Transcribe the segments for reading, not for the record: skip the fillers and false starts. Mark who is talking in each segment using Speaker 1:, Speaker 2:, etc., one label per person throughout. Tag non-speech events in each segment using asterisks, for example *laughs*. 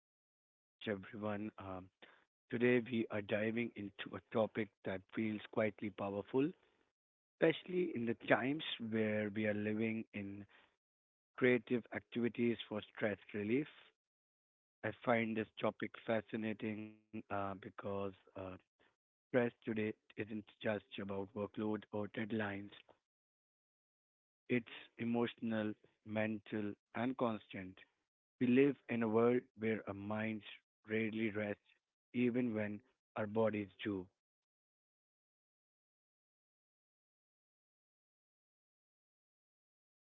Speaker 1: the podcast, everyone. Today, we are diving into a topic that feels quietly powerful, especially in the times where we are living in creative activities for stress relief. I find this topic fascinating because stress today isn't just about workload or deadlines, it's emotional, mental, and constant. We live in a world where our minds rarely rest, even when our bodies do.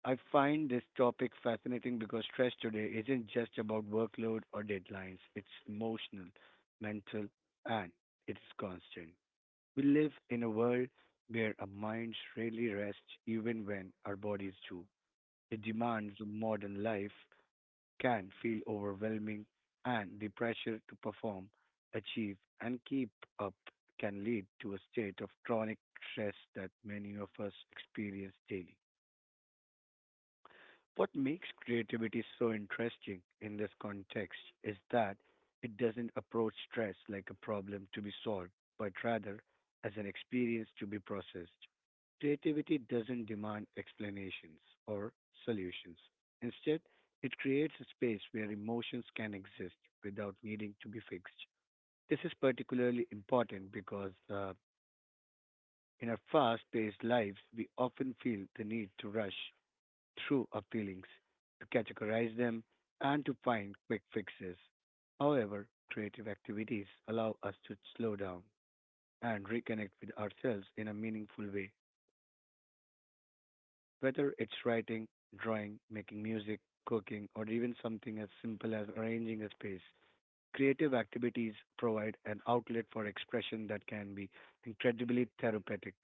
Speaker 1: I find this topic fascinating because stress today isn't just about workload or deadlines, it's emotional, mental, and it's constant. We live in a world where our minds rarely rest, even when our bodies do. The demands of modern life can feel overwhelming and the pressure to perform, achieve and keep up can lead to a state of chronic stress that many of us experience daily. What makes creativity so interesting in this context is that it doesn't approach stress like a problem to be solved, but rather as an experience to be processed. Creativity doesn't demand explanations or solutions. Instead, it creates a space where emotions can exist without needing to be fixed. This is particularly important because in our fast paced lives, we often feel the need to rush through our feelings, to categorize them, and to find quick fixes. However, creative activities allow us to slow down and reconnect with ourselves in a meaningful way. Whether it's writing, drawing, making music, cooking, or even something as simple as arranging a space, creative activities provide an outlet for expression that can be incredibly therapeutic.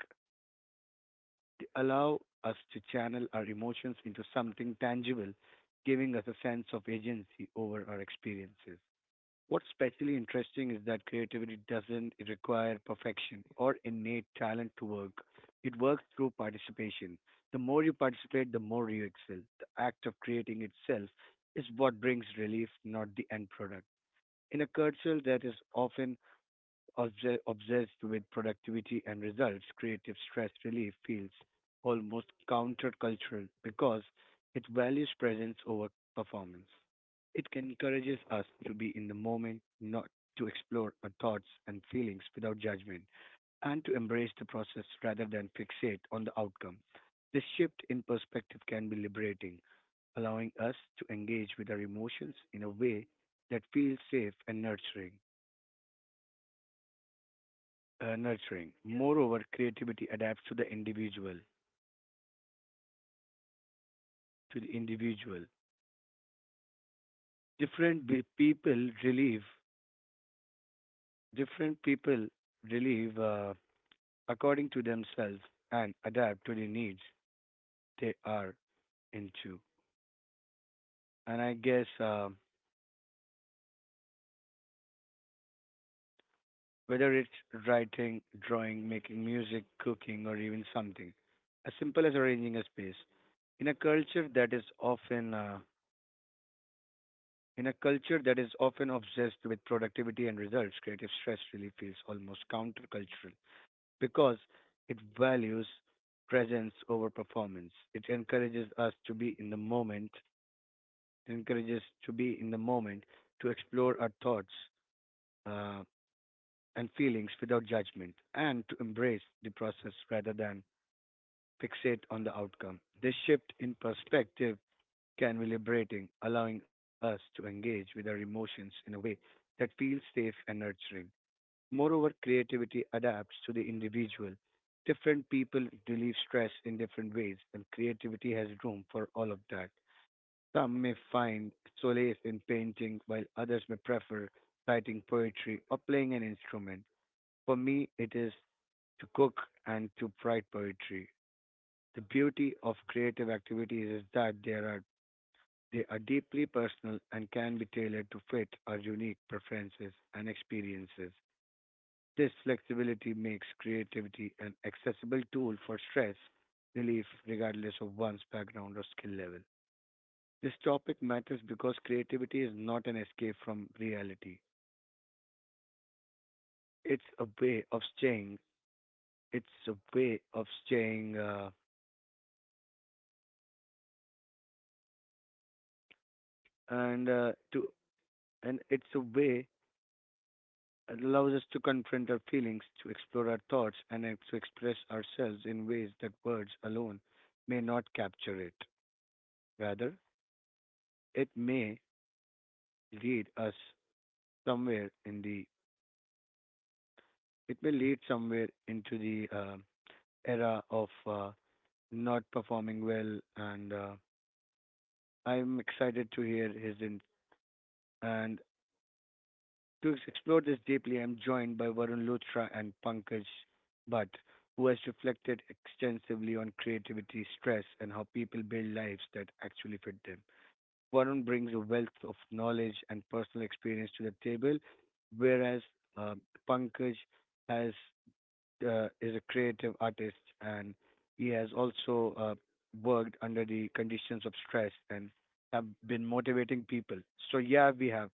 Speaker 1: They allow us to channel our emotions into something tangible, giving us a sense of agency over our experiences. What's especially interesting is that creativity doesn't require perfection or innate talent to work. It works through participation. The more you participate, the more you excel. The act of creating itself is what brings relief, not the end product. In a culture that is often obsessed with productivity and results, creative stress relief feels almost countercultural because it values presence over performance. It encourages us to be in the moment, not to explore our thoughts and feelings without judgment, and to embrace the process rather than fixate on the outcome. This shift in perspective can be liberating, allowing us to engage with our emotions in a way that feels safe and nurturing. Moreover, creativity adapts to the individual. To the individual, different be- people relieve different people relieve according to themselves and adapt to the needs they are into. And I guess whether it's writing, drawing, making music, cooking, or even something as simple as arranging a space. in a culture that is often uh, In a culture that is often obsessed with productivity and results, creative stress really feels almost countercultural because it values presence over performance. It encourages us to be in the moment, encourages to be in the moment, to explore our thoughts uh, and feelings without judgment, and to embrace the process rather than fixate on the outcome. This shift in perspective can be liberating, allowing us to engage with our emotions in a way that feels safe and nurturing. Moreover, creativity adapts to the individual. Different people relieve stress in different ways, and creativity has room for all of that. Some may find solace in painting, while others may prefer writing poetry or playing an instrument. For me, it is to cook and to write poetry. The beauty of creative activities is that there are they are deeply personal and can be tailored to fit our unique preferences and experiences. This flexibility makes creativity an accessible tool for stress relief regardless of one's background or skill level. This topic matters because creativity is not an escape from reality. It's a way of staying. It's a way of staying, uh, and uh, to and it's a way It allows us to confront our feelings, to explore our thoughts, and to express ourselves in ways that words alone may not capture it. Rather, it may lead us somewhere in the it may lead somewhere into the era of not performing well. And I'm excited to hear his in- and To explore this deeply, I'm joined by Varun Luthra and Pankaj Bhatt, who has reflected extensively on creativity, stress, and how people build lives that actually fit them. Varun brings a wealth of knowledge and personal experience to the table, whereas um, Pankaj has is a creative artist and he has also worked under the conditions of stress and have been motivating people. So yeah, we have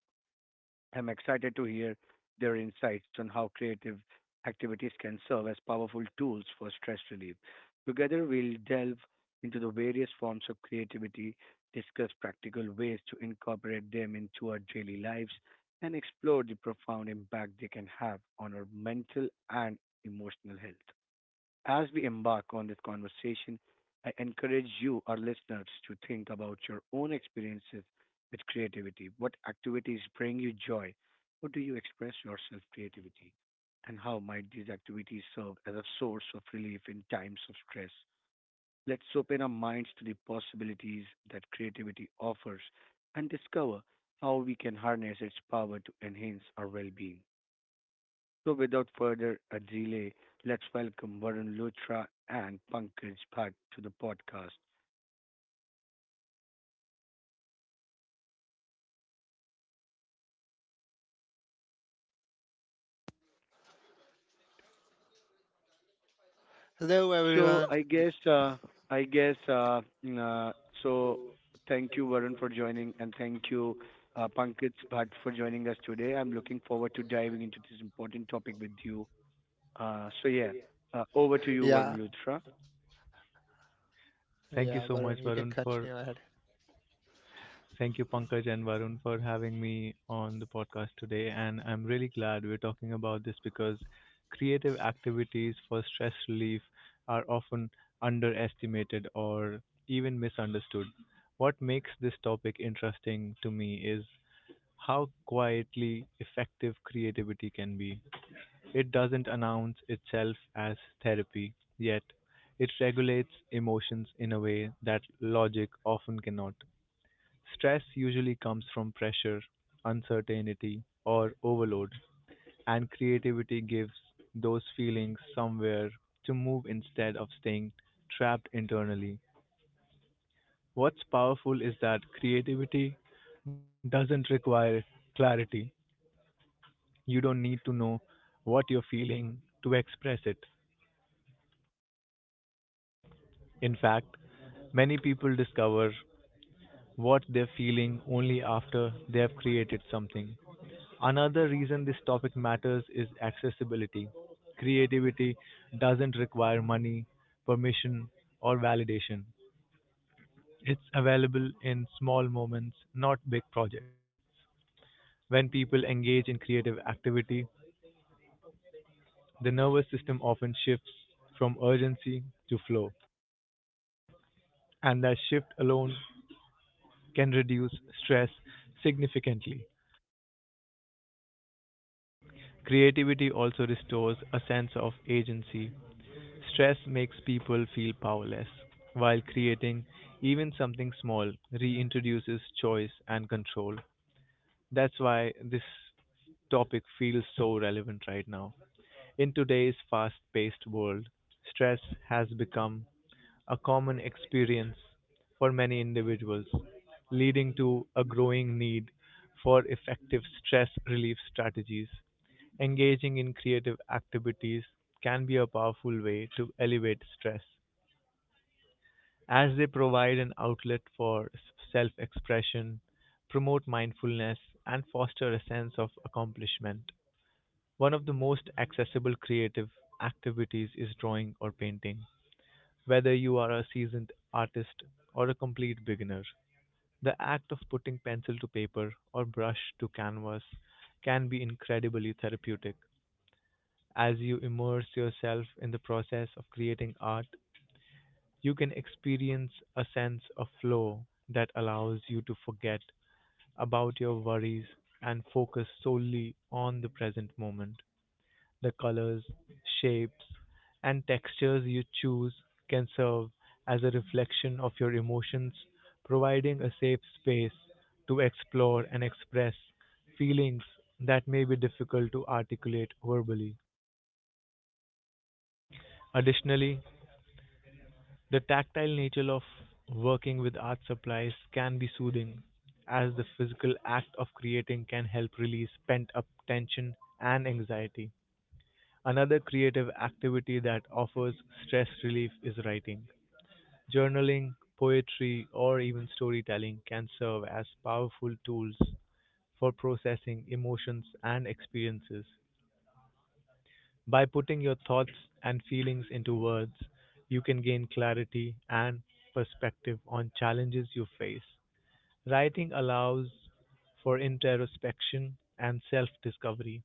Speaker 1: I'm excited to hear their insights on how creative activities can serve as powerful tools for stress relief. Together, we'll delve into the various forms of creativity, discuss practical ways to incorporate them into our daily lives, and explore the profound impact they can have on our mental and emotional health. As we embark on this conversation, I encourage you, our listeners, to think about your own experiences with creativity. What activities bring you joy? How do you express yourself creativity? And how might these activities serve as a source of relief in times of stress? Let's open our minds to the possibilities that creativity offers and discover how we can harness its power to enhance our well being. So, without further a delay, let's welcome Varun Luthra and Pankaj Bhatt to the podcast.
Speaker 2: Hello,
Speaker 1: So,
Speaker 2: everyone.
Speaker 1: I guess, uh, I guess, uh, mm, uh, so thank you, Varun, for joining, and thank you, Pankaj Bhatt, for joining us today. I'm looking forward to diving into this important topic with you. So, yeah, over to you, Varun
Speaker 2: Yeah,
Speaker 1: Luthra.
Speaker 2: yeah,
Speaker 3: Thank you so
Speaker 2: Varun, you
Speaker 3: much,
Speaker 2: can
Speaker 3: Varun,
Speaker 2: continue
Speaker 3: for
Speaker 2: ahead.
Speaker 3: thank you, Pankaj and Varun, for having me on the podcast today. And I'm really glad we're talking about this because creative activities for stress relief are often underestimated or even misunderstood. What makes this topic interesting to me is how quietly effective creativity can be. It doesn't announce itself as therapy, yet it regulates emotions in a way that logic often cannot. Stress usually comes from pressure, uncertainty, or overload, and creativity gives those feelings somewhere to move instead of staying trapped internally. What's powerful is that creativity doesn't require clarity. You don't need to know what you're feeling to express it. In fact, many people discover what they're feeling only after they have created something. Another reason this topic matters is accessibility. Creativity doesn't require money, permission, or validation. It's available in small moments, not big projects. When people engage in creative activity, the nervous system often shifts from urgency to flow, and that shift alone can reduce stress significantly. Creativity also restores a sense of agency. Stress makes people feel powerless, while creating even something small reintroduces choice and control. That's why this topic feels so relevant right now. In today's fast paced world, stress has become a common experience for many individuals, leading to a growing need for effective stress relief strategies. Engaging in creative activities can be a powerful way to elevate stress, as they provide an outlet for self expression, promote mindfulness, and foster a sense of accomplishment. One of the most accessible creative activities is drawing or painting. Whether you are a seasoned artist or a complete beginner, the act of putting pencil to paper or brush to canvas can be incredibly therapeutic. As you immerse yourself in the process of creating art, you can experience a sense of flow that allows you to forget about your worries and focus solely on the present moment. The colors, shapes, and textures you choose can serve as a reflection of your emotions, providing a safe space to explore and express feelings that may be difficult to articulate verbally. Additionally, the tactile nature of working with art supplies can be soothing, as the physical act of creating can help release pent up tension and anxiety. Another creative activity that offers stress relief is writing. Journaling, poetry, or even storytelling can serve as powerful tools for processing emotions and experiences. By putting your thoughts and feelings into words, you can gain clarity and perspective on challenges you face. Writing allows for introspection and self discovery,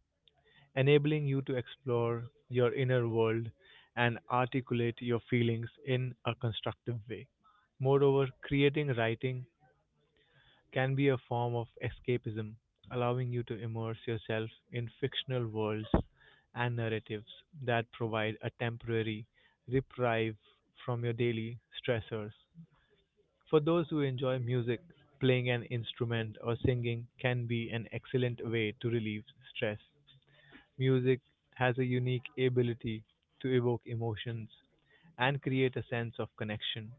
Speaker 3: enabling you to explore your inner world and articulate your feelings in a constructive way. Moreover, creating writing can be a form of escapism, allowing you to immerse yourself in fictional worlds and narratives that provide a temporary reprieve from your daily stressors. For those who enjoy music, playing an instrument or singing can be an excellent way to relieve stress. Music has a unique ability to evoke emotions and create a sense of connection.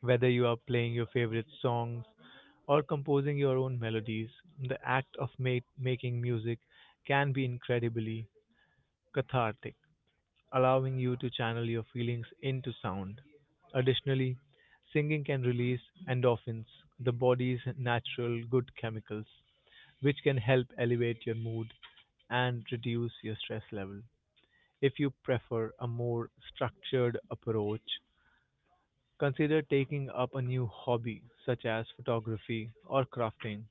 Speaker 3: Whether you are playing your favorite songs or composing your own melodies, the act of making music can be incredibly cathartic, allowing you to channel your feelings into sound. Additionally, singing can release endorphins, the body's natural good chemicals, which can help elevate your mood and reduce your stress level. If you prefer a more structured approach, consider taking up a new hobby such as photography or crafting.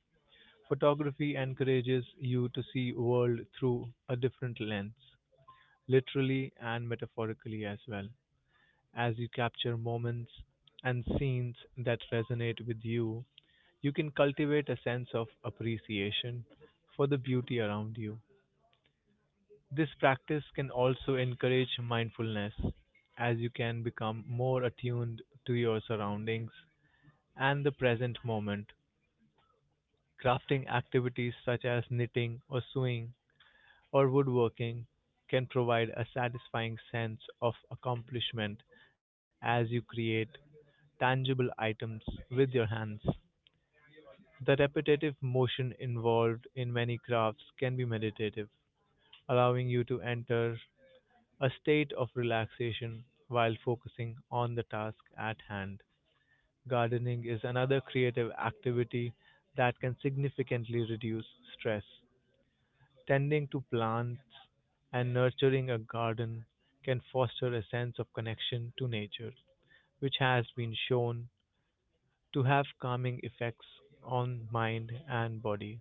Speaker 3: Photography encourages you to see world through a different lens, literally and metaphorically as well. As you capture moments and scenes that resonate with you, you can cultivate a sense of appreciation for the beauty around you. This practice can also encourage mindfulness, as you can become more attuned to your surroundings and the present moment. Crafting activities such as knitting or sewing or woodworking can provide a satisfying sense of accomplishment as you create tangible items with your hands. The repetitive motion involved in many crafts can be meditative, allowing you to enter a state of relaxation while focusing on the task at hand. Gardening is another creative activity that can significantly reduce stress. Tending to plants and nurturing a garden can foster a sense of connection to nature, which has been shown to have calming effects on mind and body.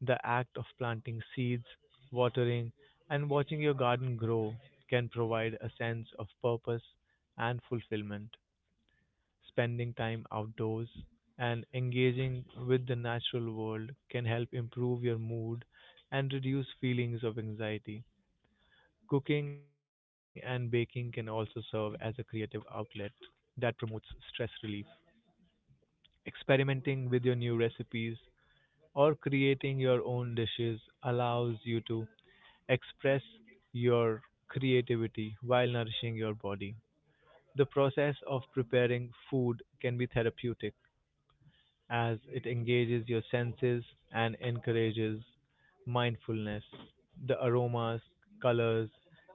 Speaker 3: The act of planting seeds, watering, and watching your garden grow can provide a sense of purpose and fulfillment. Spending time outdoors and engaging with the natural world can help improve your mood and reduce feelings of anxiety. Cooking and baking can also serve as a creative outlet that promotes stress relief. Experimenting with your new recipes or creating your own dishes allows you to express your creativity while nourishing your body. The process of preparing food can be therapeutic as it engages your senses and encourages mindfulness. The aromas, colors,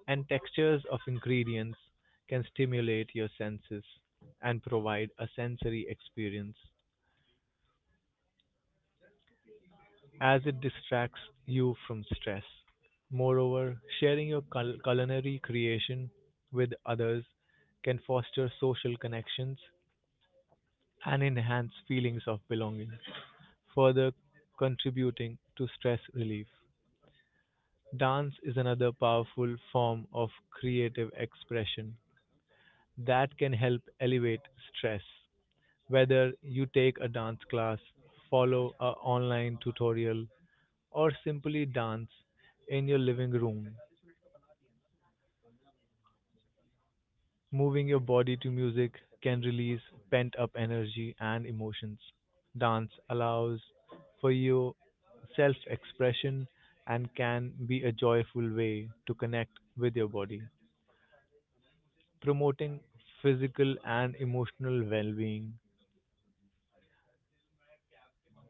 Speaker 3: and textures of ingredients can stimulate your senses and provide a sensory experience as it distracts you from stress. Moreover, sharing your culinary creation with others can foster social connections and enhance feelings of belonging, further contributing to stress relief. Dance is another powerful form of creative expression that can help elevate stress. Whether you take a dance class, follow a online tutorial, or simply dance in your living room, moving your body to music can release pent up energy and emotions. Dance allows for your self expression and can be a joyful way to connect with your body, promoting physical and emotional well being.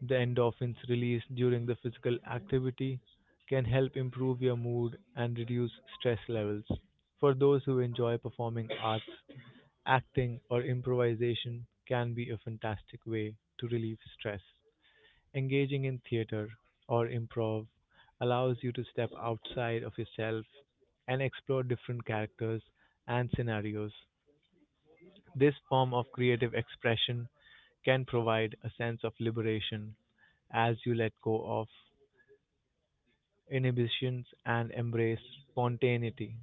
Speaker 3: The endorphins released during the physical activity can help improve your mood and reduce stress levels. For those who enjoy performing arts, acting or improvisation can be a fantastic way to relieve stress. Engaging in theater or improv allows you to step outside of yourself and explore different characters and scenarios. This form of creative expression can provide a sense of liberation as you let go of inhibitions and embrace spontaneity.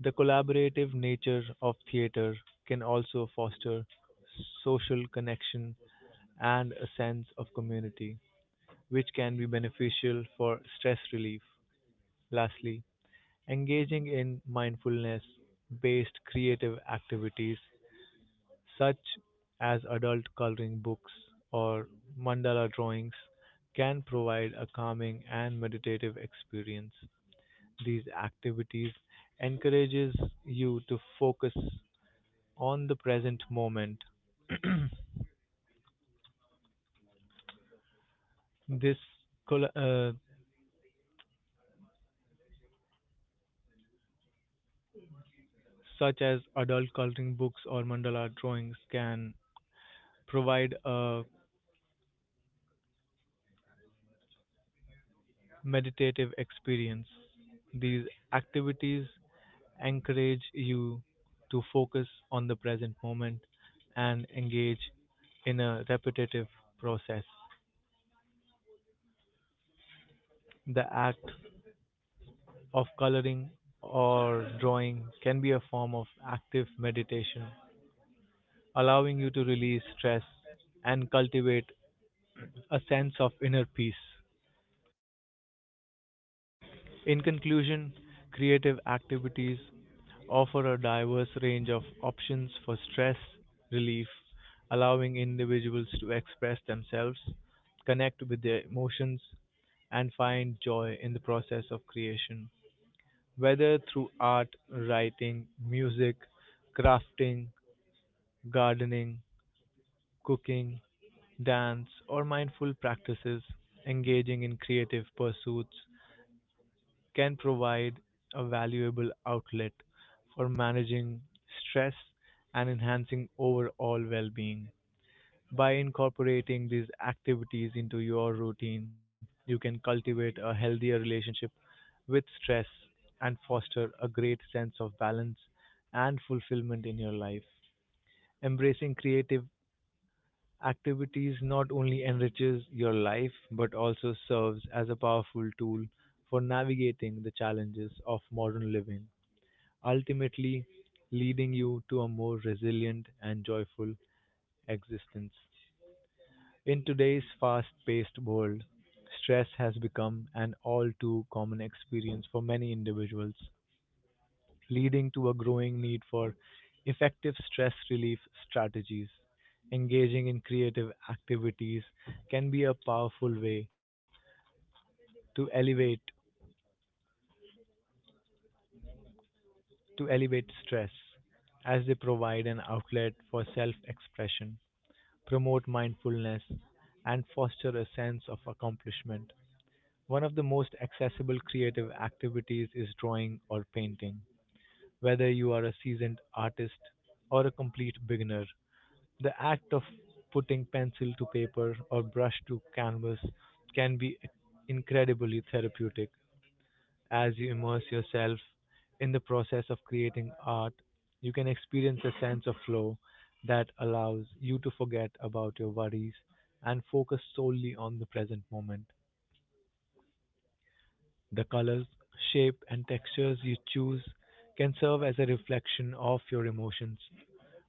Speaker 3: The collaborative nature of theatre can also foster social connection and a sense of community, which can be beneficial for stress relief. Lastly, engaging in mindfulness based creative activities such as adult coloring books or mandala drawings can provide a calming and meditative experience. These activities encourages you to focus on the present moment. *clears throat* this uh, Such as adult coloring books or mandala drawings can provide a meditative experience. These activities encourage you to focus on the present moment and engage in a repetitive process. The act of coloring or drawing can be a form of active meditation, allowing you to release stress and cultivate a sense of inner peace. In conclusion, creative activities offer a diverse range of options for stress relief, allowing individuals to express themselves, connect with their emotions, and find joy in the process of creation. Whether through art, writing, music, crafting, gardening, cooking, dance, or mindful practices, engaging in creative pursuits can provide a valuable outlet for managing stress and enhancing overall well being. By incorporating these activities into your routine, you can cultivate a healthier relationship with stress and foster a great sense of balance and fulfillment in your life. Embracing creative activities not only enriches your life but also serves as a powerful tool for navigating the challenges of modern living, ultimately leading you to a more resilient and joyful existence. In today's fast paced world, stress has become an all too common experience for many individuals, leading to a growing need for effective stress relief strategies. Engaging in creative activities can be a powerful way to elevate to elevate stress, as they provide an outlet for self-expression, promote mindfulness, and foster a sense of accomplishment. One of the most accessible creative activities is drawing or painting. Whether you are a seasoned artist or a complete beginner, the act of putting pencil to paper or brush to canvas can be incredibly therapeutic. As you immerse yourself in the process of creating art, you can experience a sense of flow that allows you to forget about your worries and focus solely on the present moment. The colors, shape, and textures you choose can serve as a reflection of your emotions,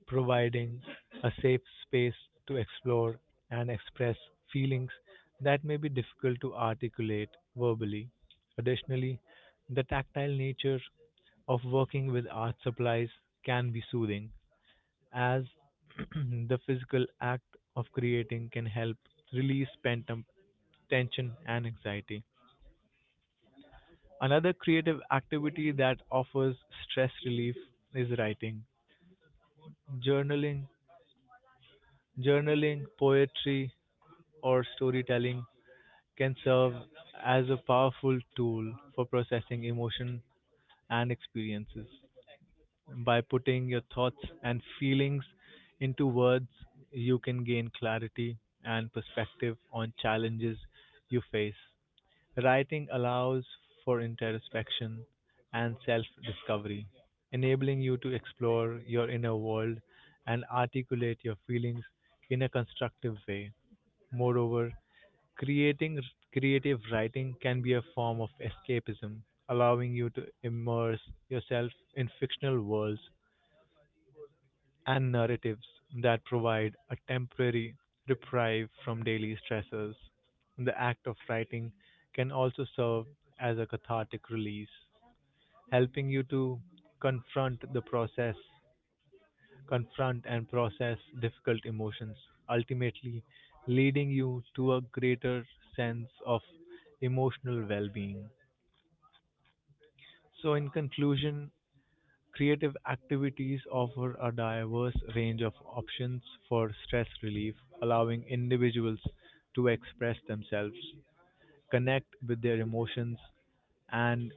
Speaker 3: providing a safe space to explore and express feelings that may be difficult to articulate verbally. Additionally, the tactile nature of working with art supplies can be soothing, as *clears throat* the physical act of creating can help release pent up tension and anxiety. Another creative activity that offers stress relief is writing. Journaling, journaling, poetry, or storytelling can serve as a powerful tool for processing emotion and experiences. By putting your thoughts and feelings into words, you can gain clarity and perspective on challenges you face. Writing allows for introspection and self discovery, enabling you to explore your inner world and articulate your feelings in a constructive way. Moreover, Creating creative writing can be a form of escapism, allowing you to immerse yourself in fictional worlds and narratives that provide a temporary reprieve from daily stressors. The act of writing can also serve as a cathartic release, helping you to confront the process confront and process difficult emotions, ultimately leading you to a greater sense of emotional well being. So, in conclusion, creative activities offer a diverse range of options for stress relief, allowing individuals to express themselves, connect with their emotions, and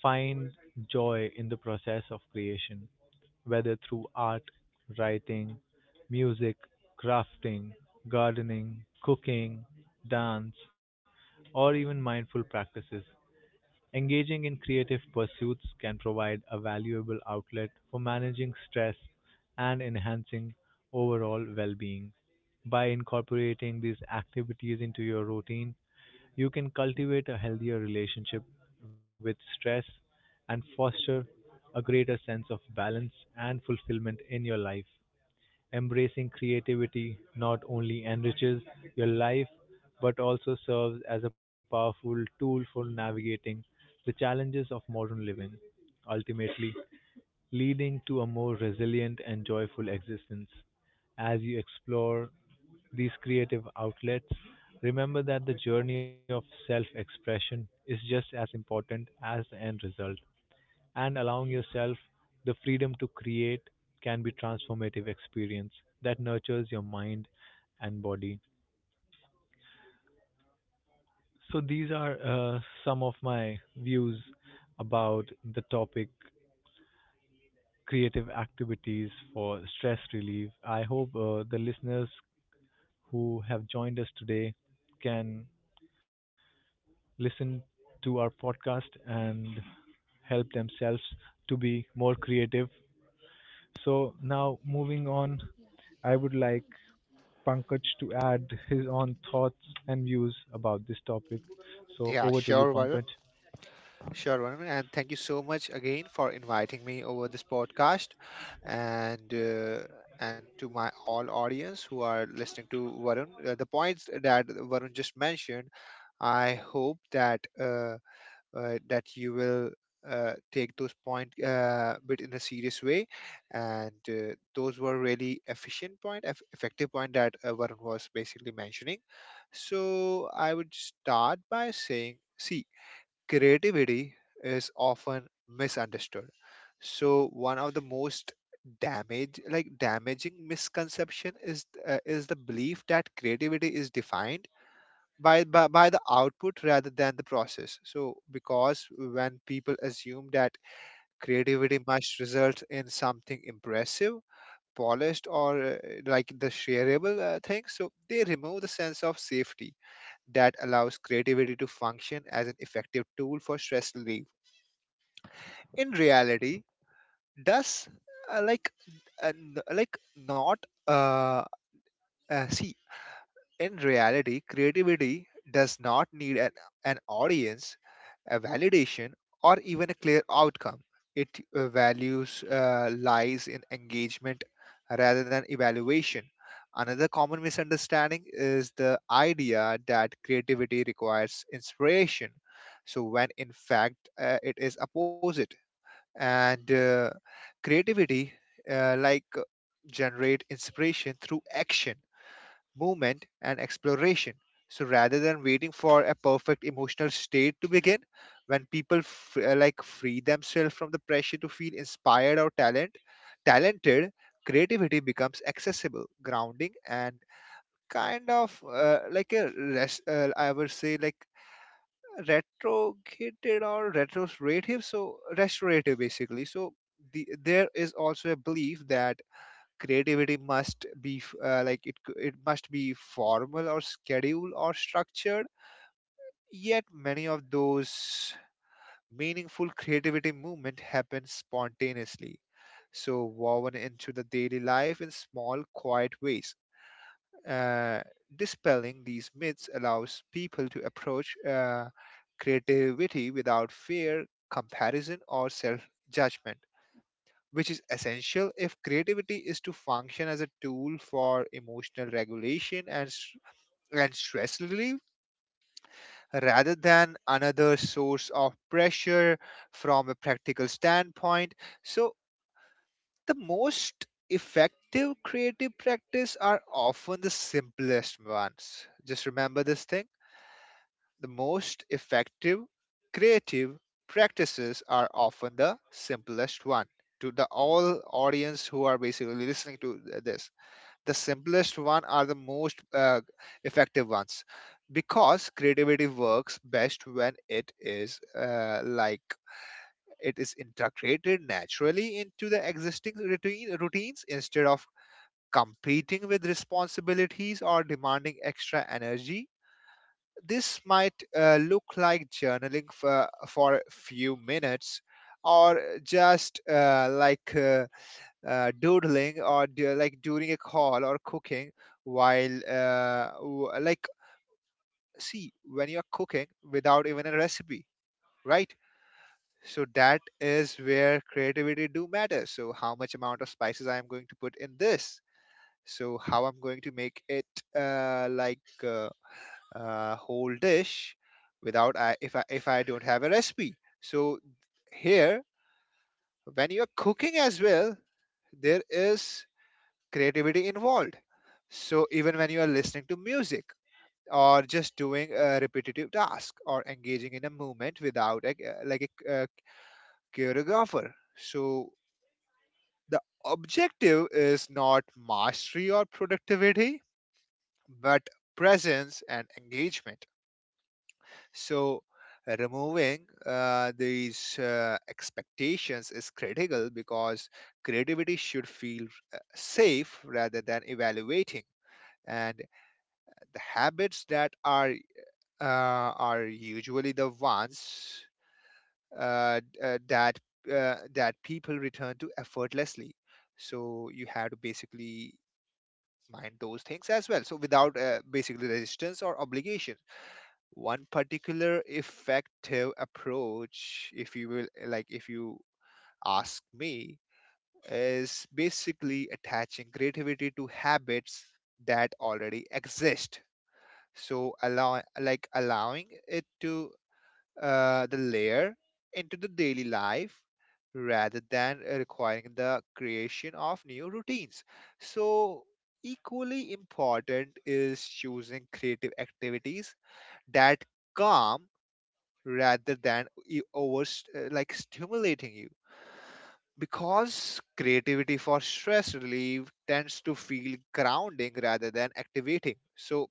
Speaker 3: find joy in the process of creation, whether through art, writing, music, crafting, gardening, cooking, dance, or even mindful practices. Engaging in creative pursuits can provide a valuable outlet for managing stress and enhancing overall well being. By incorporating these activities into your routine, you can cultivate a healthier relationship with stress and foster a greater sense of balance and fulfillment in your life. Embracing creativity not only enriches your life but also serves as a powerful tool for navigating the challenges of modern living, ultimately leading to a more resilient and joyful existence. As you explore these creative outlets, remember that the journey of self expression is just as important as the end result, and allowing yourself the freedom to create can be transformative experience that nurtures your mind and body. So these are some of my views about the topic, creative activities for stress relief. I hope the listeners who have joined us today can listen to our podcast and help themselves to be more creative. So now moving on, I would like Pankaj to add his own thoughts and views about this topic. So
Speaker 2: Yeah,
Speaker 3: over to you,
Speaker 2: sure, Varun.
Speaker 3: Pankaj.
Speaker 2: Sure, Varun. And thank you so much again for inviting me over this podcast. And uh, and to my all audience who are listening to Varun, the points that Varun just mentioned, I hope that. That you will take those point bit in a serious way and those were really effective point that Varun was basically mentioning. So I would start by saying, see, creativity is often misunderstood. So one of the most damage like damaging misconception is is the belief that creativity is defined by the output rather than the process. So because when people assume that creativity must result in something impressive, polished, or like the shareable thing, so they remove the sense of safety that allows creativity to function as an effective tool for stress relief. In reality, does like n- like not uh, see in reality, creativity does not need an audience, a validation, or even a clear outcome. It values lies in engagement rather than evaluation. Another common misunderstanding is the idea that creativity requires inspiration. So when in fact it is opposite, and creativity uh, like uh, generate inspiration through action, movement, and exploration. So rather than waiting for a perfect emotional state to begin, when people free themselves from the pressure to feel talented, creativity becomes accessible, grounding, and kind of I would say like retrograde or retrospective, so restorative basically. So there is also a belief that creativity must be it must be formal or scheduled or structured, yet many of those meaningful creativity movement happen spontaneously, so woven into the daily life in small quiet ways. Uh, dispelling these myths allows people to approach creativity without fear, comparison, or self judgment which is essential if creativity is to function as a tool for emotional regulation and stress relief rather than another source of pressure from a practical standpoint. So the most effective creative practice are often the simplest ones. Just remember this thing. The most effective creative practices are often the simplest one. To the all audience who are basically listening to this, the simplest one are the most effective ones, because creativity works best when it is integrated naturally into the existing routines instead of competing with responsibilities or demanding extra energy. This might look like journaling for a few minutes, or just doodling or like during a call or cooking. While w- like See, when you're cooking without even a recipe, right? So that is where creativity do matter. So how much amount of spices I am going to put in this, so how I'm going to make it uh, like uh, whole dish without if I don't have a recipe. So here, when you're cooking as well, there is creativity involved. So even when you are listening to music, or just doing a repetitive task, or engaging in a movement without a choreographer. So the objective is not mastery or productivity, but presence and engagement. So removing these expectations is critical, because creativity should feel safe rather than evaluating. And the habits that are usually the ones uh, d- uh, that that people return to effortlessly. So you have to basically mind those things as well. So without basically resistance or obligation, one particular effective approach, if you will, like if you ask me, is basically attaching creativity to habits that already exist, so allowing it to the layer into the daily life rather than requiring the creation of new routines. So equally important is choosing creative activities that calm rather than e- over like stimulating you, because creativity for stress relief tends to feel grounding rather than activating. So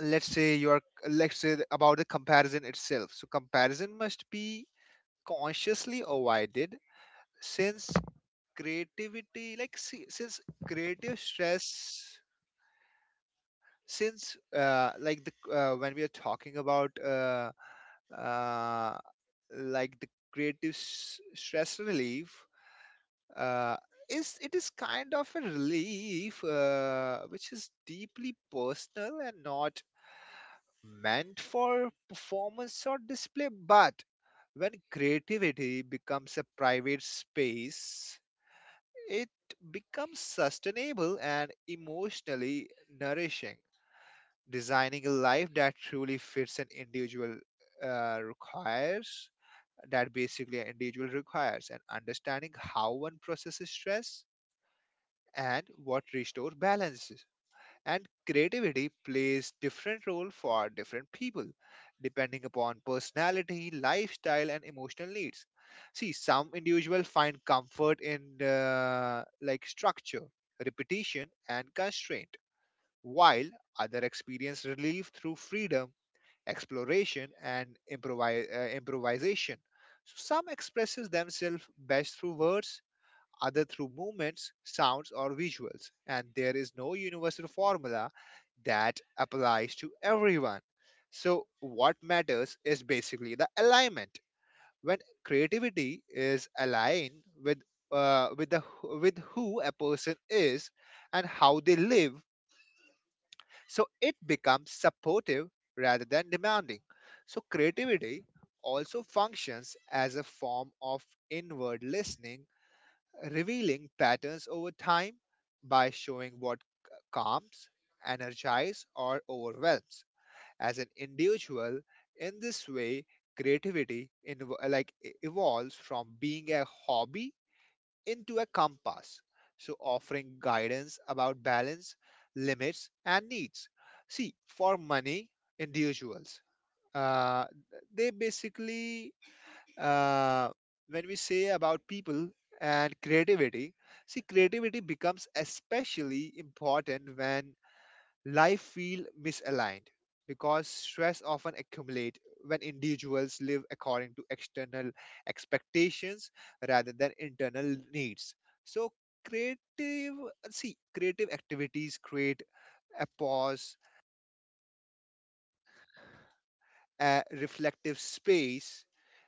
Speaker 2: let's say you're, let's say about the comparison itself. So comparison must be consciously avoided, since creativity like see, since creative stress since like the when we are talking about uh, the stress relief, uh, is it is kind of a relief which is deeply personal and not meant for performance or display. But when creativity becomes a private space, it becomes sustainable and emotionally nourishing. Designing a life that truly fits an individual uh, requires requires and understanding how one processes stress and what restores balance. And creativity plays different role for different people depending upon personality, lifestyle, and emotional needs. See, some individuals find comfort in structure, repetition, and constraint, while other experience relief through freedom, exploration, and improvisation. So some expresses themselves best through words, other through movements, sounds, or visuals, and there is no universal formula that applies to everyone. So what matters is basically the alignment. When creativity is aligned with the with who a person is and how they live, so it becomes supportive rather than demanding. So creativity also functions as a form of inward listening, revealing patterns over time by showing what calms, energizes, or overwhelms. As an individual, in this way, creativity evolves from being a hobby into a compass, so offering guidance about balance, limits, and needs. See, for money individuals, uh, they basically, uh, when we say about people and creativity, see, creativity becomes especially important when life feel misaligned, because stress often accumulate when individuals live according to external expectations rather than internal needs. So creative creative activities create a pause, a reflective space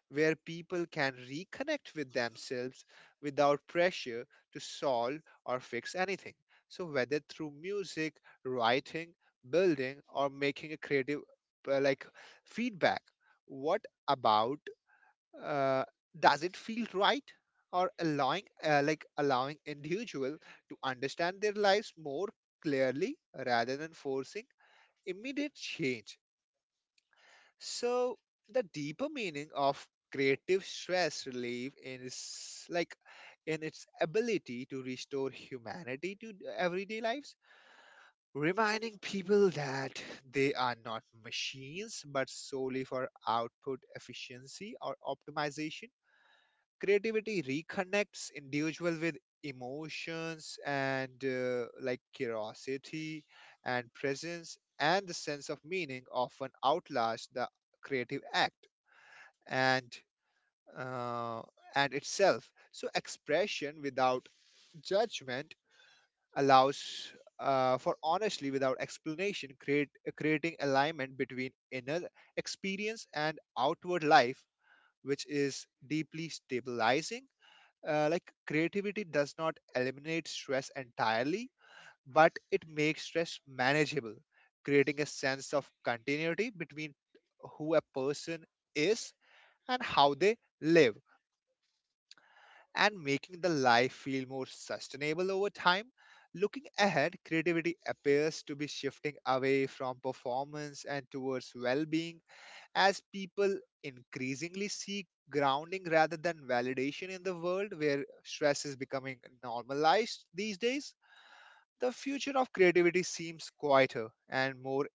Speaker 2: where people can reconnect with themselves without pressure to solve or fix anything. So whether through music, writing, building, or making a creative uh, like feedback, what about, uh, does it feel right? Or allowing individual to understand their lives more clearly rather than forcing immediate change. So the deeper meaning of creative stress relief is like in its ability to restore humanity to everyday lives, reminding people that they are not machines but solely for output efficiency or optimization. Creativity reconnects individual with emotions and curiosity and presence, and the sense of meaning often outlasts the creative act and uh, and itself. So expression without judgment allows for honestly without explanation, create creating alignment between inner experience and outward life, which is deeply stabilizing. Creativity does not eliminate stress entirely, but it makes stress manageable, creating a sense of continuity between who a person is and how they live, and making the life feel more sustainable over time. Looking ahead, creativity appears to be shifting away from performance and towards well being as people increasingly seek grounding rather than validation in the world where stress is becoming normalized these days. The future of creativity seems quieter and more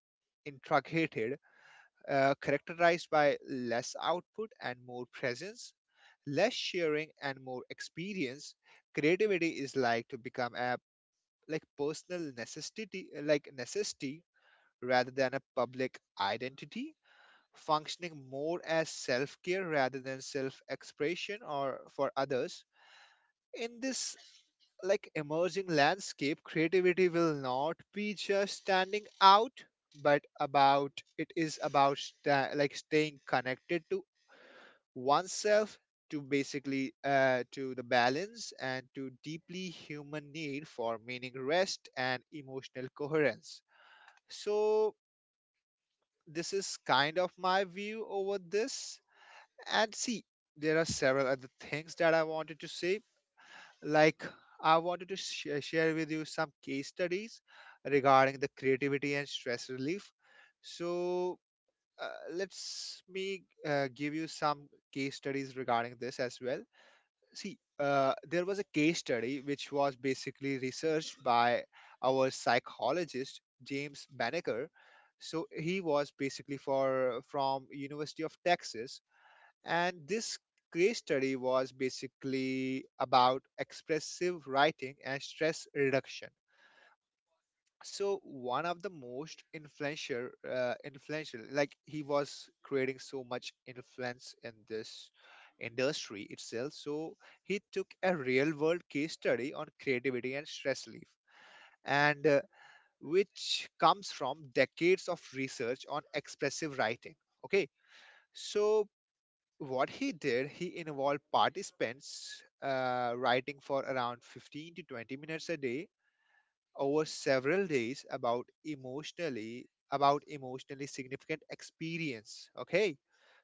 Speaker 2: intricate, characterized by less output and more presence, less sharing and more experience. Creativity is like to become a, like personal necessity like necessity rather than a public identity, functioning more as self-care rather than self-expression or for others. In this like emerging landscape, creativity will not be just standing out, but about, it is about staying connected to oneself, to basically to the balance, and to deeply human need for meaning, rest, and emotional coherence. So this is kind of my view over this. And see, there are several other things that I wanted to say, like I wanted to share with you some case studies regarding the creativity and stress relief. So let's me give you some case studies regarding this as well. See, there was a case study which was basically researched by our psychologist James Banneker. So he was basically for from University of Texas, and this case study was basically about expressive writing and stress reduction. So one of the most influential, like he was creating so much influence in this industry itself. So he took a real world case study on creativity and stress relief, and which comes from decades of research on expressive writing. Okay, so what he did, he involved participants writing for around 15 to 20 minutes a day over several days about emotionally significant experience. Okay,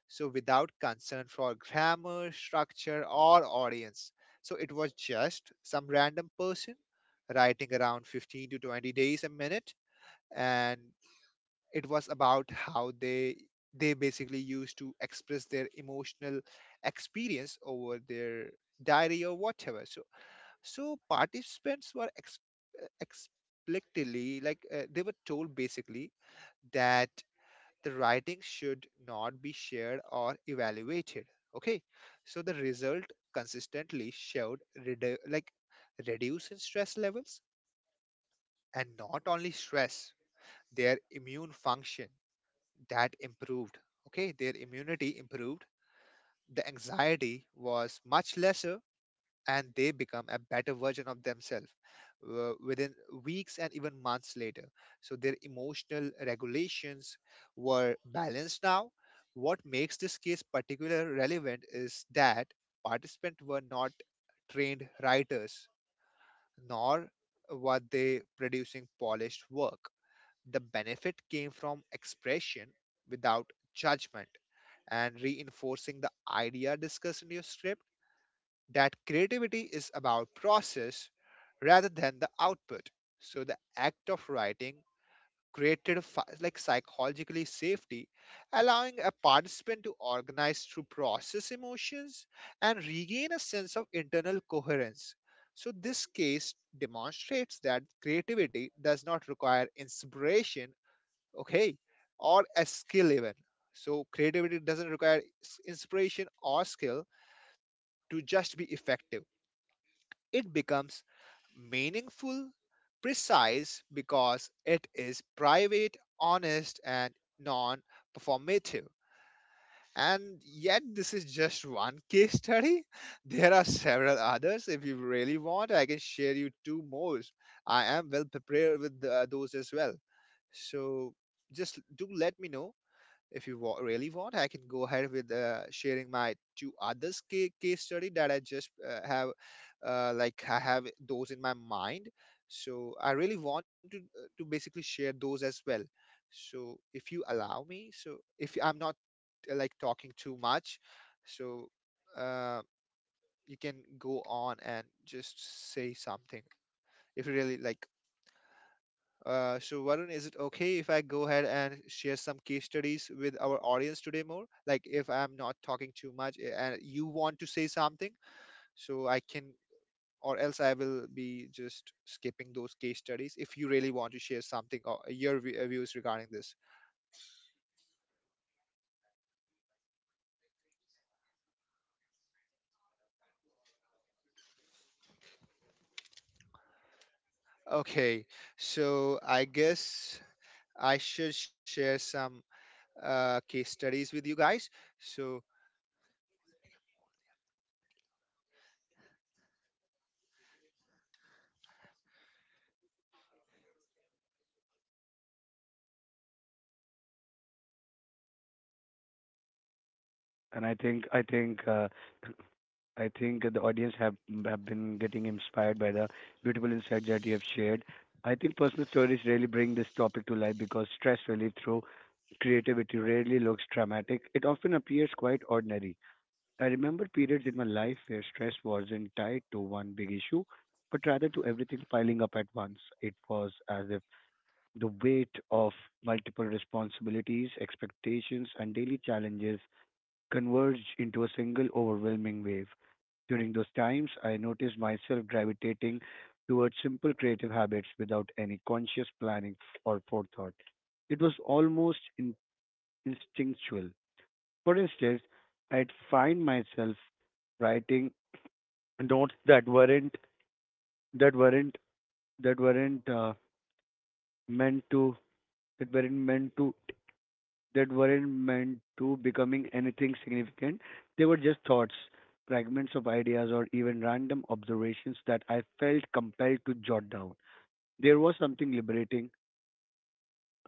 Speaker 2: so without concern for grammar, structure, or audience. So it was just some random person writing around 15 to 20 days a minute, and it was about how they basically used to express their emotional experience over their diary or whatever. So so participants were explicitly, they were told basically that the writing should not be shared or evaluated. Okay, so the result consistently showed redu- like reduce in stress levels. And not only stress, their immune function that improved. Okay, their immunity improved. The anxiety was much less, and they become a better version of themselves within weeks and even months later. So their emotional regulations were balanced now. What makes this case particularly relevant is that participants were not trained writers, nor were they producing polished work. The benefit came from expression without judgment and reinforcing the idea discussed in your script that creativity is about process rather than the output. So the act of writing created psychologically safety, allowing a participant to organize through process emotions and regain a sense of internal coherence. So this case demonstrates that creativity does not require inspiration, okay, or a skill even. So creativity doesn't require inspiration or skill to just be effective. It becomes meaningful, precise because it is private, honest, and non performative. And yet, this is just one case study. *laughs* There are several others. If you really want, I can share you two more. I am well prepared with those as well. So just do let me know if you really want, I can go ahead with sharing my two case study that I just have, I have those in my mind. So I really want to basically share those as well. So if you allow me, so if I'm not talking too much, so uh, you can go on and just say something if you really like. So Varun, is it okay if I go ahead and share some case studies with our audience today more? Like if I'm not talking too much, eh, and you want to say something, so I can, or else I will be just skipping those case studies if you really want to share something or your views regarding this. Okay, so I guess I should share some case studies with you guys. So
Speaker 1: And I think, I think, I think the audience have been getting inspired by the beautiful insights that you have shared. I think personal stories really bring this topic to life because stress relief through creativity rarely looks dramatic. It often appears quite ordinary. I remember periods in my life where stress wasn't tied to one big issue, but rather to everything piling up at once. It was as if the weight of multiple responsibilities, expectations, and daily challenges converged into a single overwhelming wave. During those times, I noticed myself gravitating towards simple creative habits without any conscious planning or forethought. It was almost instinctual. For instance, I'd find myself writing notes that weren't that weren't that weren't meant to that weren't meant to meant to becoming anything significant. They were just thoughts, fragments of ideas, or even random observations that I felt compelled to jot down. There was something liberating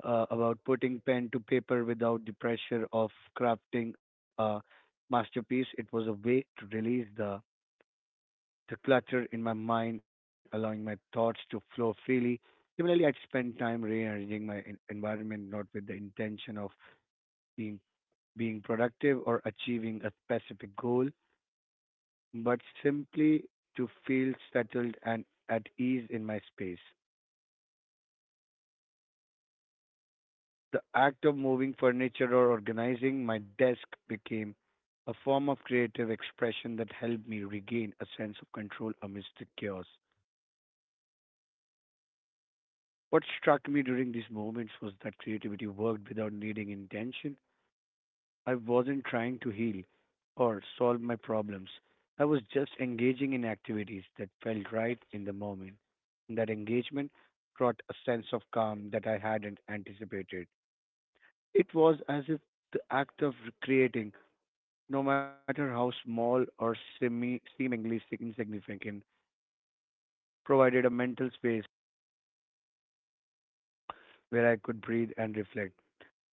Speaker 1: about putting pen to paper without the pressure of crafting a masterpiece. It was a way to release the clutter in my mind, allowing my thoughts to flow freely. Similarly, I'd spend time rearranging my environment not with the intention of being. being productive or achieving a specific goal, but simply to feel settled and at ease in my space. The act of moving furniture or organizing my desk became a form of creative expression that helped me regain a sense of control amidst the chaos. What struck me during these moments was that creativity worked without needing intention. I wasn't trying to heal or solve my problems. I was just engaging in activities that felt right in the moment. That engagement brought a sense of calm that I hadn't anticipated. It was as if the act of creating, no matter how small or seemingly insignificant, provided a mental space where I could breathe and reflect.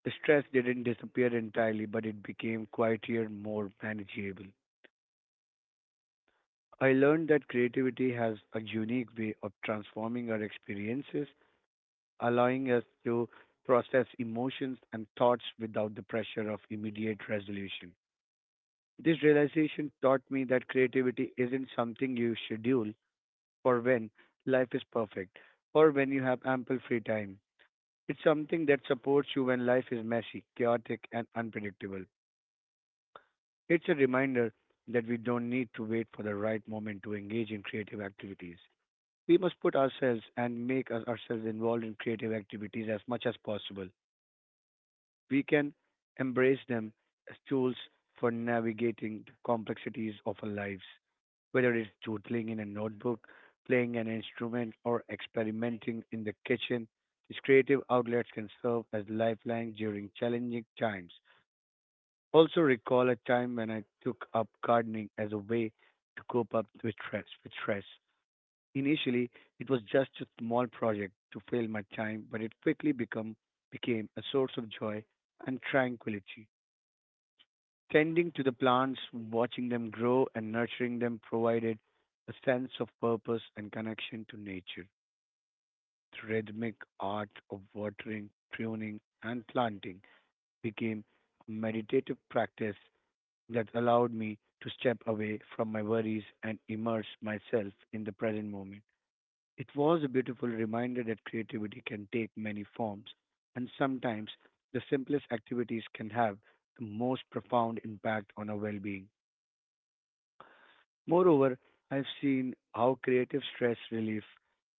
Speaker 1: The stress didn't disappear entirely, but it became quieter, more manageable. I learned that creativity has a unique way of transforming our experiences, allowing us to process emotions and thoughts without the pressure of immediate resolution. This realization taught me that creativity isn't something you schedule for when life is perfect or when you have ample free time. It's something that supports you when life is messy, chaotic, and unpredictable. It's a reminder that we don't need to wait for the right moment to engage in creative activities. We must put ourselves and make ourselves involved in creative activities as much as possible. We can embrace them as tools for navigating the complexities of our lives, whether it's doodling in a notebook, playing an instrument, or experimenting in the kitchen. These creative outlets can serve as lifelines during challenging times. Also, recall a time when I took up gardening as a way to cope up with stress. Initially, it was just a small project to fill my time, but it quickly became a source of joy and tranquility. Tending to the plants, watching them grow, and nurturing them provided a sense of purpose and connection to nature. The rhythmic art of watering, pruning, and planting became a meditative practice that allowed me to step away from my worries and immerse myself in the present moment. It was a beautiful reminder that creativity can take many forms, and sometimes the simplest activities can have the most profound impact on our well being. Moreover, I've seen how creative stress relief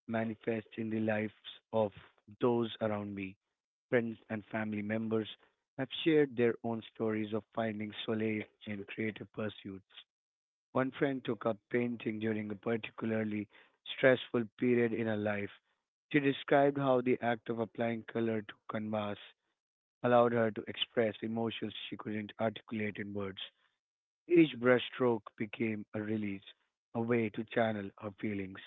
Speaker 1: manifests in the lives of those around me. Friends and family members have shared their own stories of finding solace in creative pursuits. One friend took up painting during a particularly stressful period in her life. She described how the act of applying color to canvas allowed her to express emotions she couldn't articulate in words. Each brushstroke became a release, a way to channel her feelings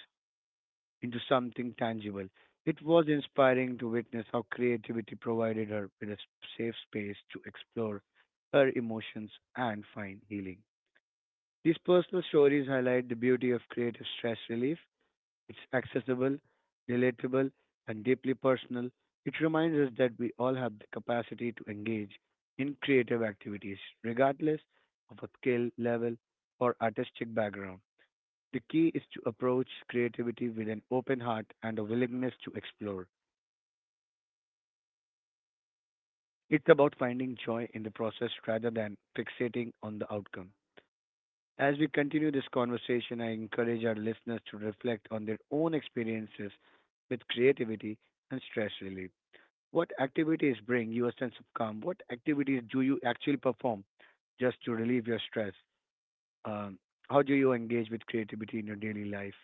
Speaker 1: into something tangible. It was inspiring to witness how creativity provided her with a safe space to explore her emotions and find healing. These personal stories highlight the beauty of creative stress relief. It's accessible, relatable, and deeply personal. It reminds us that we all have the capacity to engage in creative activities, regardless of our skill level or artistic background. The key is to approach creativity with an open heart and a willingness to explore. It's about finding joy in the process rather than fixating on the outcome. As we continue this conversation, I encourage our listeners to reflect on their own experiences with creativity and stress relief. What activities bring you a sense of calm? What activities do you actually perform just to relieve your stress? Um, how do you engage with creativity in your daily life?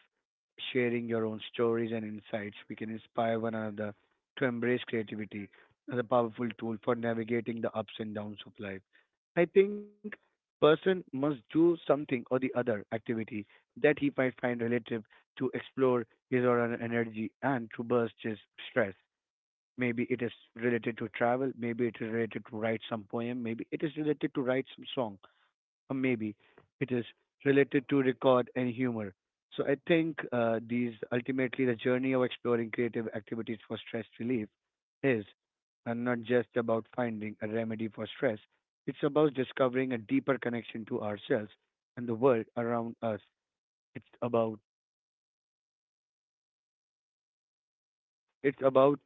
Speaker 1: Sharing your own stories and insights, we can inspire one another to embrace creativity as a powerful tool for navigating the ups and downs of life. I think person must do something or the other activity that he might find relative to explore his or her energy and to burst his stress. Maybe it is related to travel, maybe it is related to write some poem, maybe it is related to write some song, or maybe it is related to record and humor. So I think These ultimately the journey of exploring creative activities for stress relief is not just about finding a remedy for stress. It's about discovering a deeper connection to ourselves and the world around us. It's about it's about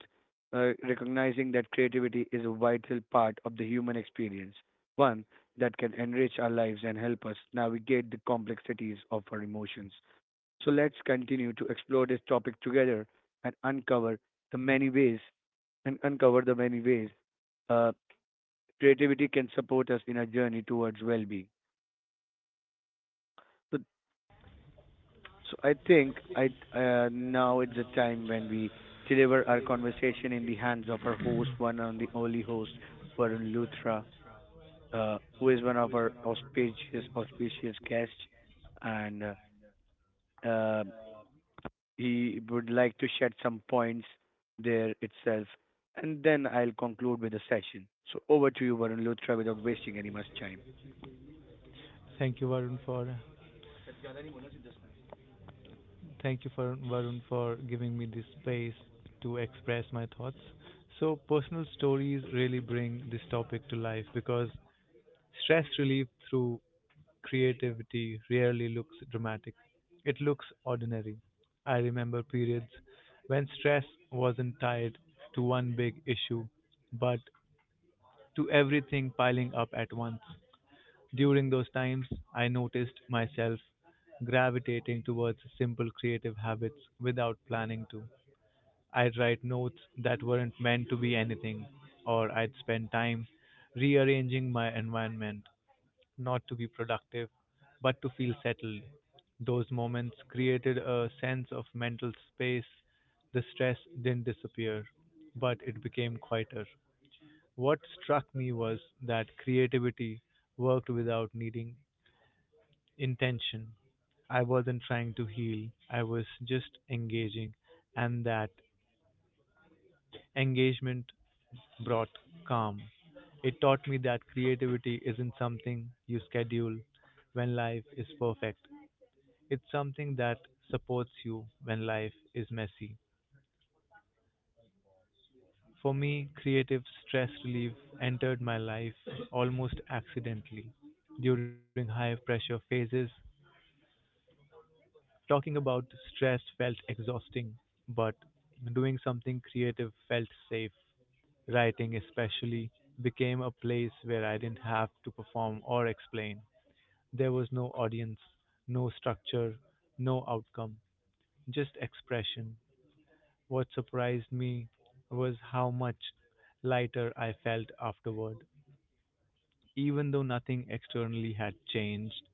Speaker 1: uh, recognizing that creativity is a vital part of the human experience, one that can enrich our lives and help us navigate the complexities of our emotions. So let's continue to explore this topic together and uncover the many ways and uncover the many ways uh, creativity can support us in our journey towards well-being. So, so I think I now it's the time when we deliver our conversation in the hands of our host, one and the only host, Varun Luthra, who is one of our auspicious guests, and uh, um he would like to shed some points there itself, and then I'll conclude with the session. So over to you, Varun Luthra, without wasting any much time.
Speaker 3: Thank you, Varun, for Thank you for Varun for giving me this space to express my thoughts. So personal stories really bring this topic to life because stress relief through creativity rarely looks dramatic. It looks ordinary. I remember periods when stress wasn't tied to one big issue, but to everything piling up at once. During those times, I noticed myself gravitating towards simple creative habits without planning to. I'd write notes that weren't meant to be anything, or I'd spend time rearranging my environment, not to be productive, but to feel settled. Those moments created a sense of mental space. The stress didn't disappear, but it became quieter. What struck me was that creativity worked without needing intention. I wasn't trying to heal, I was just engaging, and that engagement brought calm. It taught me that creativity isn't something you schedule when life is perfect. It's something that supports you when life is messy. For me, creative stress relief entered my life almost accidentally. During high pressure phases, talking about stress felt exhausting, but doing something creative felt safe. Writing, especially, became a place where I didn't have to perform or explain. There was no audience, no structure, no outcome, just expression. What surprised me was how much lighter I felt afterward. Even though nothing externally had changed,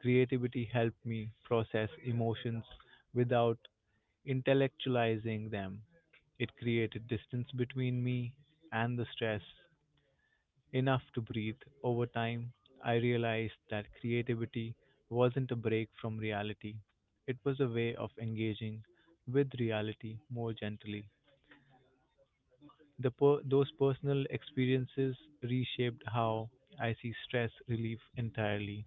Speaker 3: creativity helped me process emotions without intellectualizing them. It created distance between me and the stress, enough to breathe. Over time, I realized that creativity wasn't a break from reality, it was a way of engaging with reality more gently. Those personal experiences reshaped how I see stress relief entirely.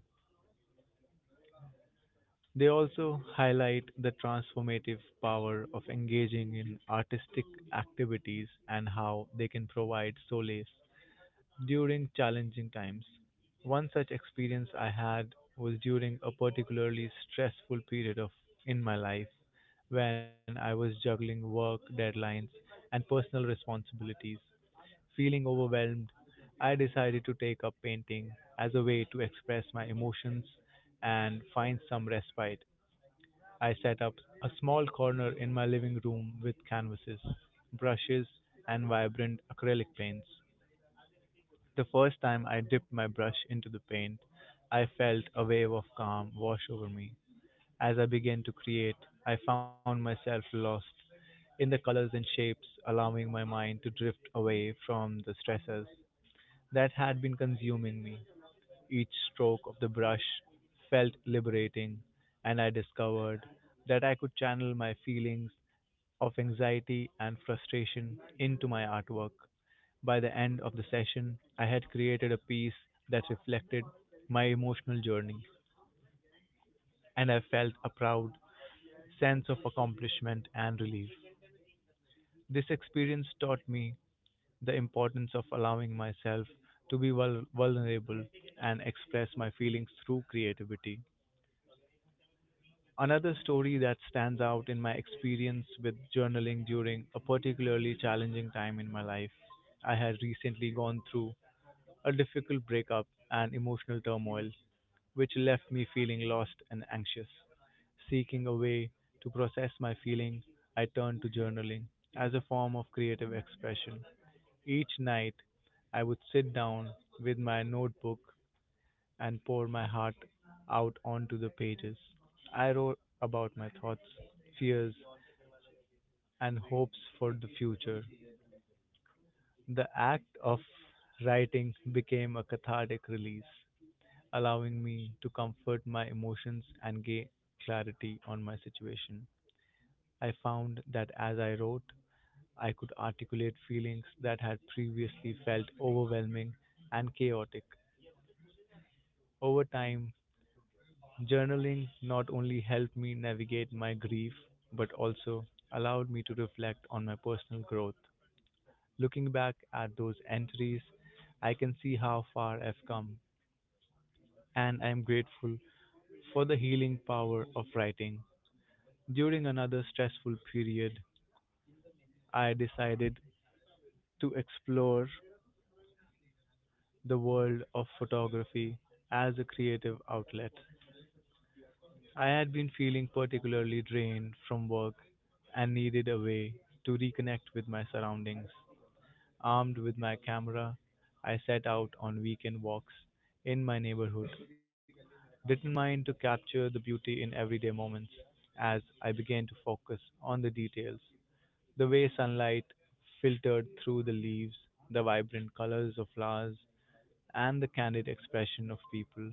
Speaker 3: They also highlight the transformative power of engaging in artistic activities and how they can provide solace during challenging times. One such experience I had was during a particularly stressful period of in my life when I was juggling work deadlines and personal responsibilities. Feeling overwhelmed, I decided to take up painting as a way to express my emotions and find some respite. I set up a small corner in my living room with canvases, brushes, and vibrant acrylic paints. The first time I dipped my brush into the paint, I felt a wave of calm wash over me. As I began to create, I found myself lost in the colors and shapes, allowing my mind to drift away from the stresses that had been consuming me. Each stroke of the brush felt liberating, and I discovered that I could channel my feelings of anxiety and frustration into my artwork. By the end of the session, I had created a piece that reflected my emotional journey, and I felt a proud sense of accomplishment and relief. This experience taught me the importance of allowing myself to be vulnerable and express my feelings through creativity. Another story that stands out in my experience with journaling during a particularly challenging time in my life. I had recently gone through a difficult breakup and emotional turmoil, which left me feeling lost and anxious. Seeking a way to process my feeling, I turned to journaling as a form of creative expression. Each night, I would sit down with my notebook and pour my heart out onto the pages. I wrote about my thoughts, fears, and hopes for the future. The act of writing became a cathartic release, allowing me to comfort my emotions and gain clarity on my situation. I found that as I wrote, I could articulate feelings that had previously felt overwhelming and chaotic. Over time, journaling not only helped me navigate my grief, but also allowed me to reflect on my personal growth. Looking back at those entries, I can see how far I've come, and I am grateful for the healing power of writing. During another stressful period, I decided to explore the world of photography as a creative outlet. I had been feeling particularly drained from work and needed a way to reconnect with my surroundings. Armed with my camera, I set out on weekend walks in my neighborhood, determined to capture the beauty in everyday moments as I began to focus on the details. The way sunlight filtered through the leaves, the vibrant colors of flowers, and the candid expression of people,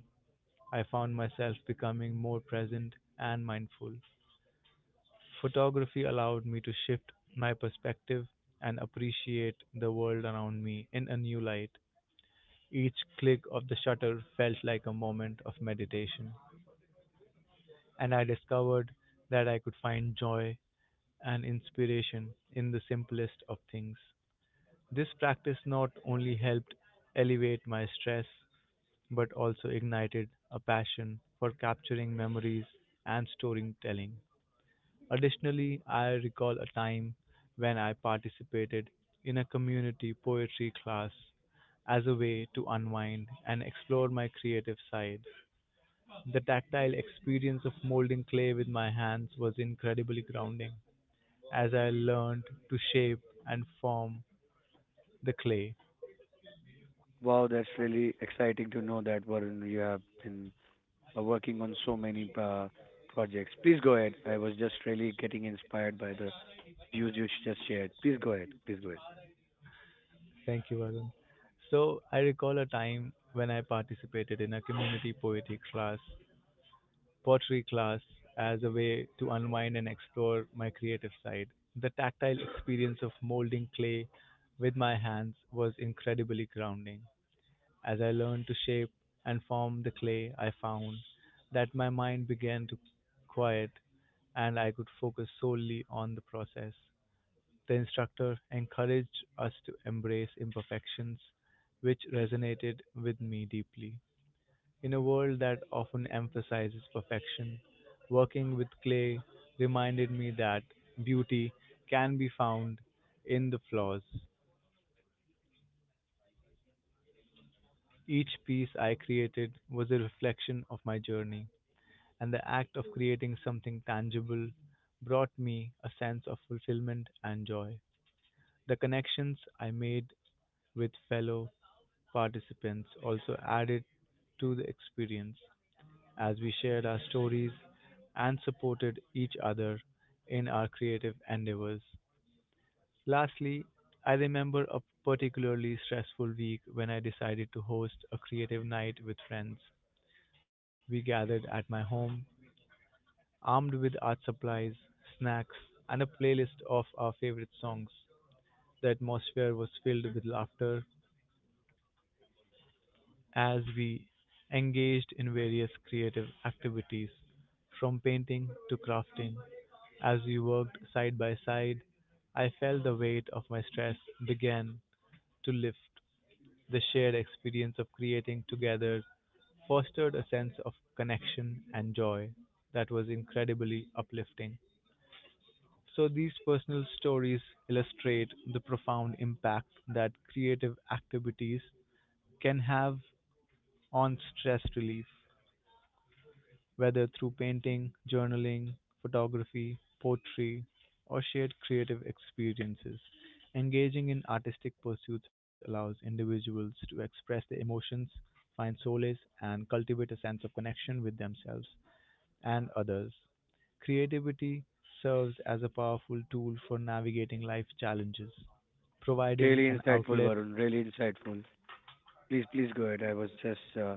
Speaker 3: I found myself becoming more present and mindful. Photography allowed me to shift my perspective and appreciate the world around me in a new light. Each click of the shutter felt like a moment of meditation, and I discovered that I could find joy and inspiration in the simplest of things. This practice not only helped elevate my stress but also ignited a passion for capturing memories and storytelling. Additionally, I recall a time when I participated in a community poetry class as a way to unwind and explore my creative side. The tactile experience of molding clay with my hands was incredibly grounding as I learned to shape and form the clay.
Speaker 1: Wow, that's really exciting to know that, Varun, you have been working on so many projects. Please go ahead. I was just really getting inspired by the views you just shared. Please go ahead. Please go ahead.
Speaker 3: Thank you, Varun. So I recall a time when I participated in a community poetry class pottery class as a way to unwind and explore my creative side. The tactile experience of molding clay with my hands was incredibly grounding. As I learned to shape and form the clay, I found that my mind began to quiet and I could focus solely on the process. The instructor encouraged us to embrace imperfections, which resonated with me deeply. In a world that often emphasizes perfection, working with clay reminded me that beauty can be found in the flaws. Each piece I created was a reflection of my journey, and the act of creating something tangible brought me a sense of fulfillment and joy. The connections I made with fellow participants also added to the experience, as we shared our stories and supported each other in our creative endeavors. Lastly, I remember a particularly stressful week when I decided to host a creative night with friends. We gathered at my home, armed with art supplies, snacks, and a playlist of our favorite songs. The atmosphere was filled with laughter, as we engaged in various creative activities, from painting to crafting. As we worked side by side, I felt the weight of my stress began to lift. The shared experience of creating together fostered a sense of connection and joy that was incredibly uplifting. So, these personal stories illustrate the profound impact that creative activities can have on stress relief, whether through painting, journaling, photography, poetry, or shared creative experiences. Engaging in artistic pursuits allows individuals to express their emotions, find solace, and cultivate a sense of connection with themselves and others. Creativity serves as a powerful tool for navigating life challenges, providing
Speaker 1: Really
Speaker 3: an
Speaker 1: insightful,
Speaker 3: outlet.
Speaker 1: Varun. Really insightful. Please go ahead. I was just uh,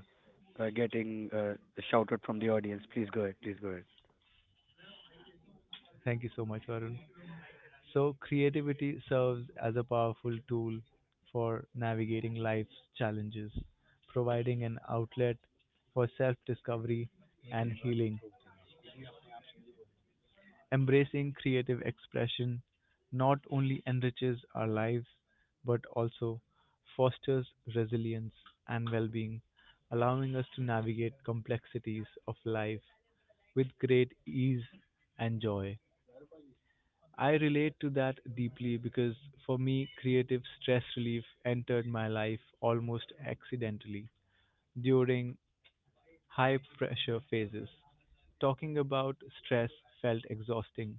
Speaker 1: uh, getting shouted from the audience. Please go ahead. Please go ahead.
Speaker 3: Thank you so much, Varun. So, creativity serves as a powerful tool for navigating life's challenges, providing an outlet for self discovery and healing. Embracing creative expression not only enriches our lives but also fosters resilience and well being, allowing us to navigate complexities of life with great ease and joy. I relate to that deeply because for me, creative stress relief entered my life almost accidentally during high pressure phases. Talking about stress felt exhausting,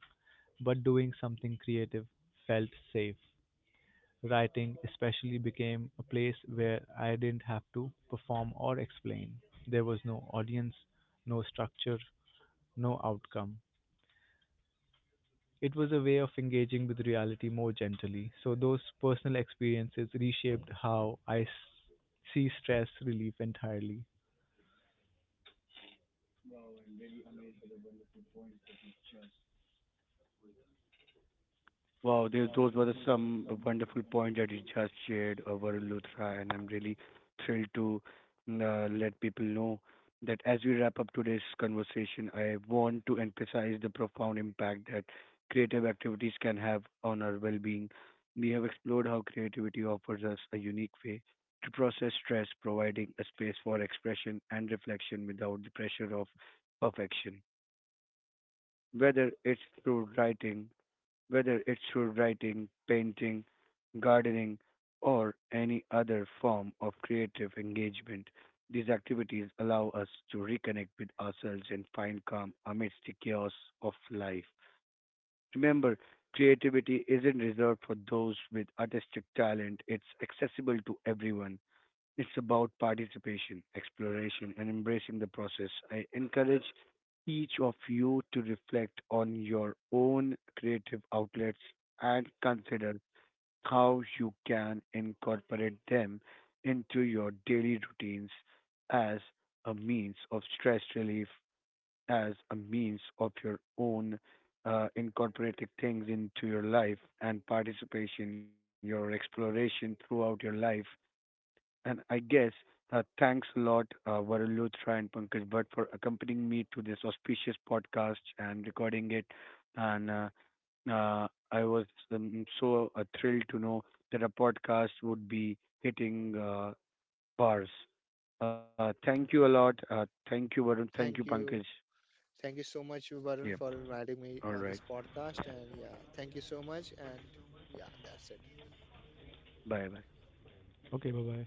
Speaker 3: but doing something creative felt safe. Writing, especially, became a place where I didn't have to perform or explain. There was no audience, no structure, no outcome. It was a way of engaging with reality more gently, so those personal experiences reshaped how see stress relief entirely.
Speaker 1: Wow, they, those were the some wonderful points that you just shared over Luthra, and I'm really thrilled to mm, let people know that as we wrap up today's conversation, I want to emphasize the profound impact that creative activities can have on our well-being. We have explored how creativity offers us a unique way to process stress, providing a space for expression and reflection without the pressure of perfection. Whether it's through writing, whether it's through writing, painting, gardening, or any other form of creative engagement. These activities allow us to reconnect with ourselves and find calm amidst the chaos of life. Remember, creativity isn't reserved for those with artistic talent, it's accessible to everyone. It's about participation, exploration, and embracing the process. I encourage each of you to reflect on your own creative outlets and consider how you can incorporate them into your daily routines as a means of stress relief, as a means of your own incorporating things into your life and participation, your exploration throughout your life, and I guess thanks a lot, Varun Luthra and Pankaj Bhatt, for accompanying me to this auspicious podcast and recording it. And I was so thrilled to know that a podcast would be hitting bars. Thank you a lot. Thank you, Varun. Thank you,
Speaker 2: thank you.
Speaker 1: Pankaj.
Speaker 2: Thank you so much, Varun,
Speaker 1: Yeah.
Speaker 2: for inviting me
Speaker 1: All
Speaker 2: on this
Speaker 1: right.
Speaker 2: podcast. And yeah, thank you so much. And yeah, that's it.
Speaker 1: Bye bye.
Speaker 3: Okay, bye bye.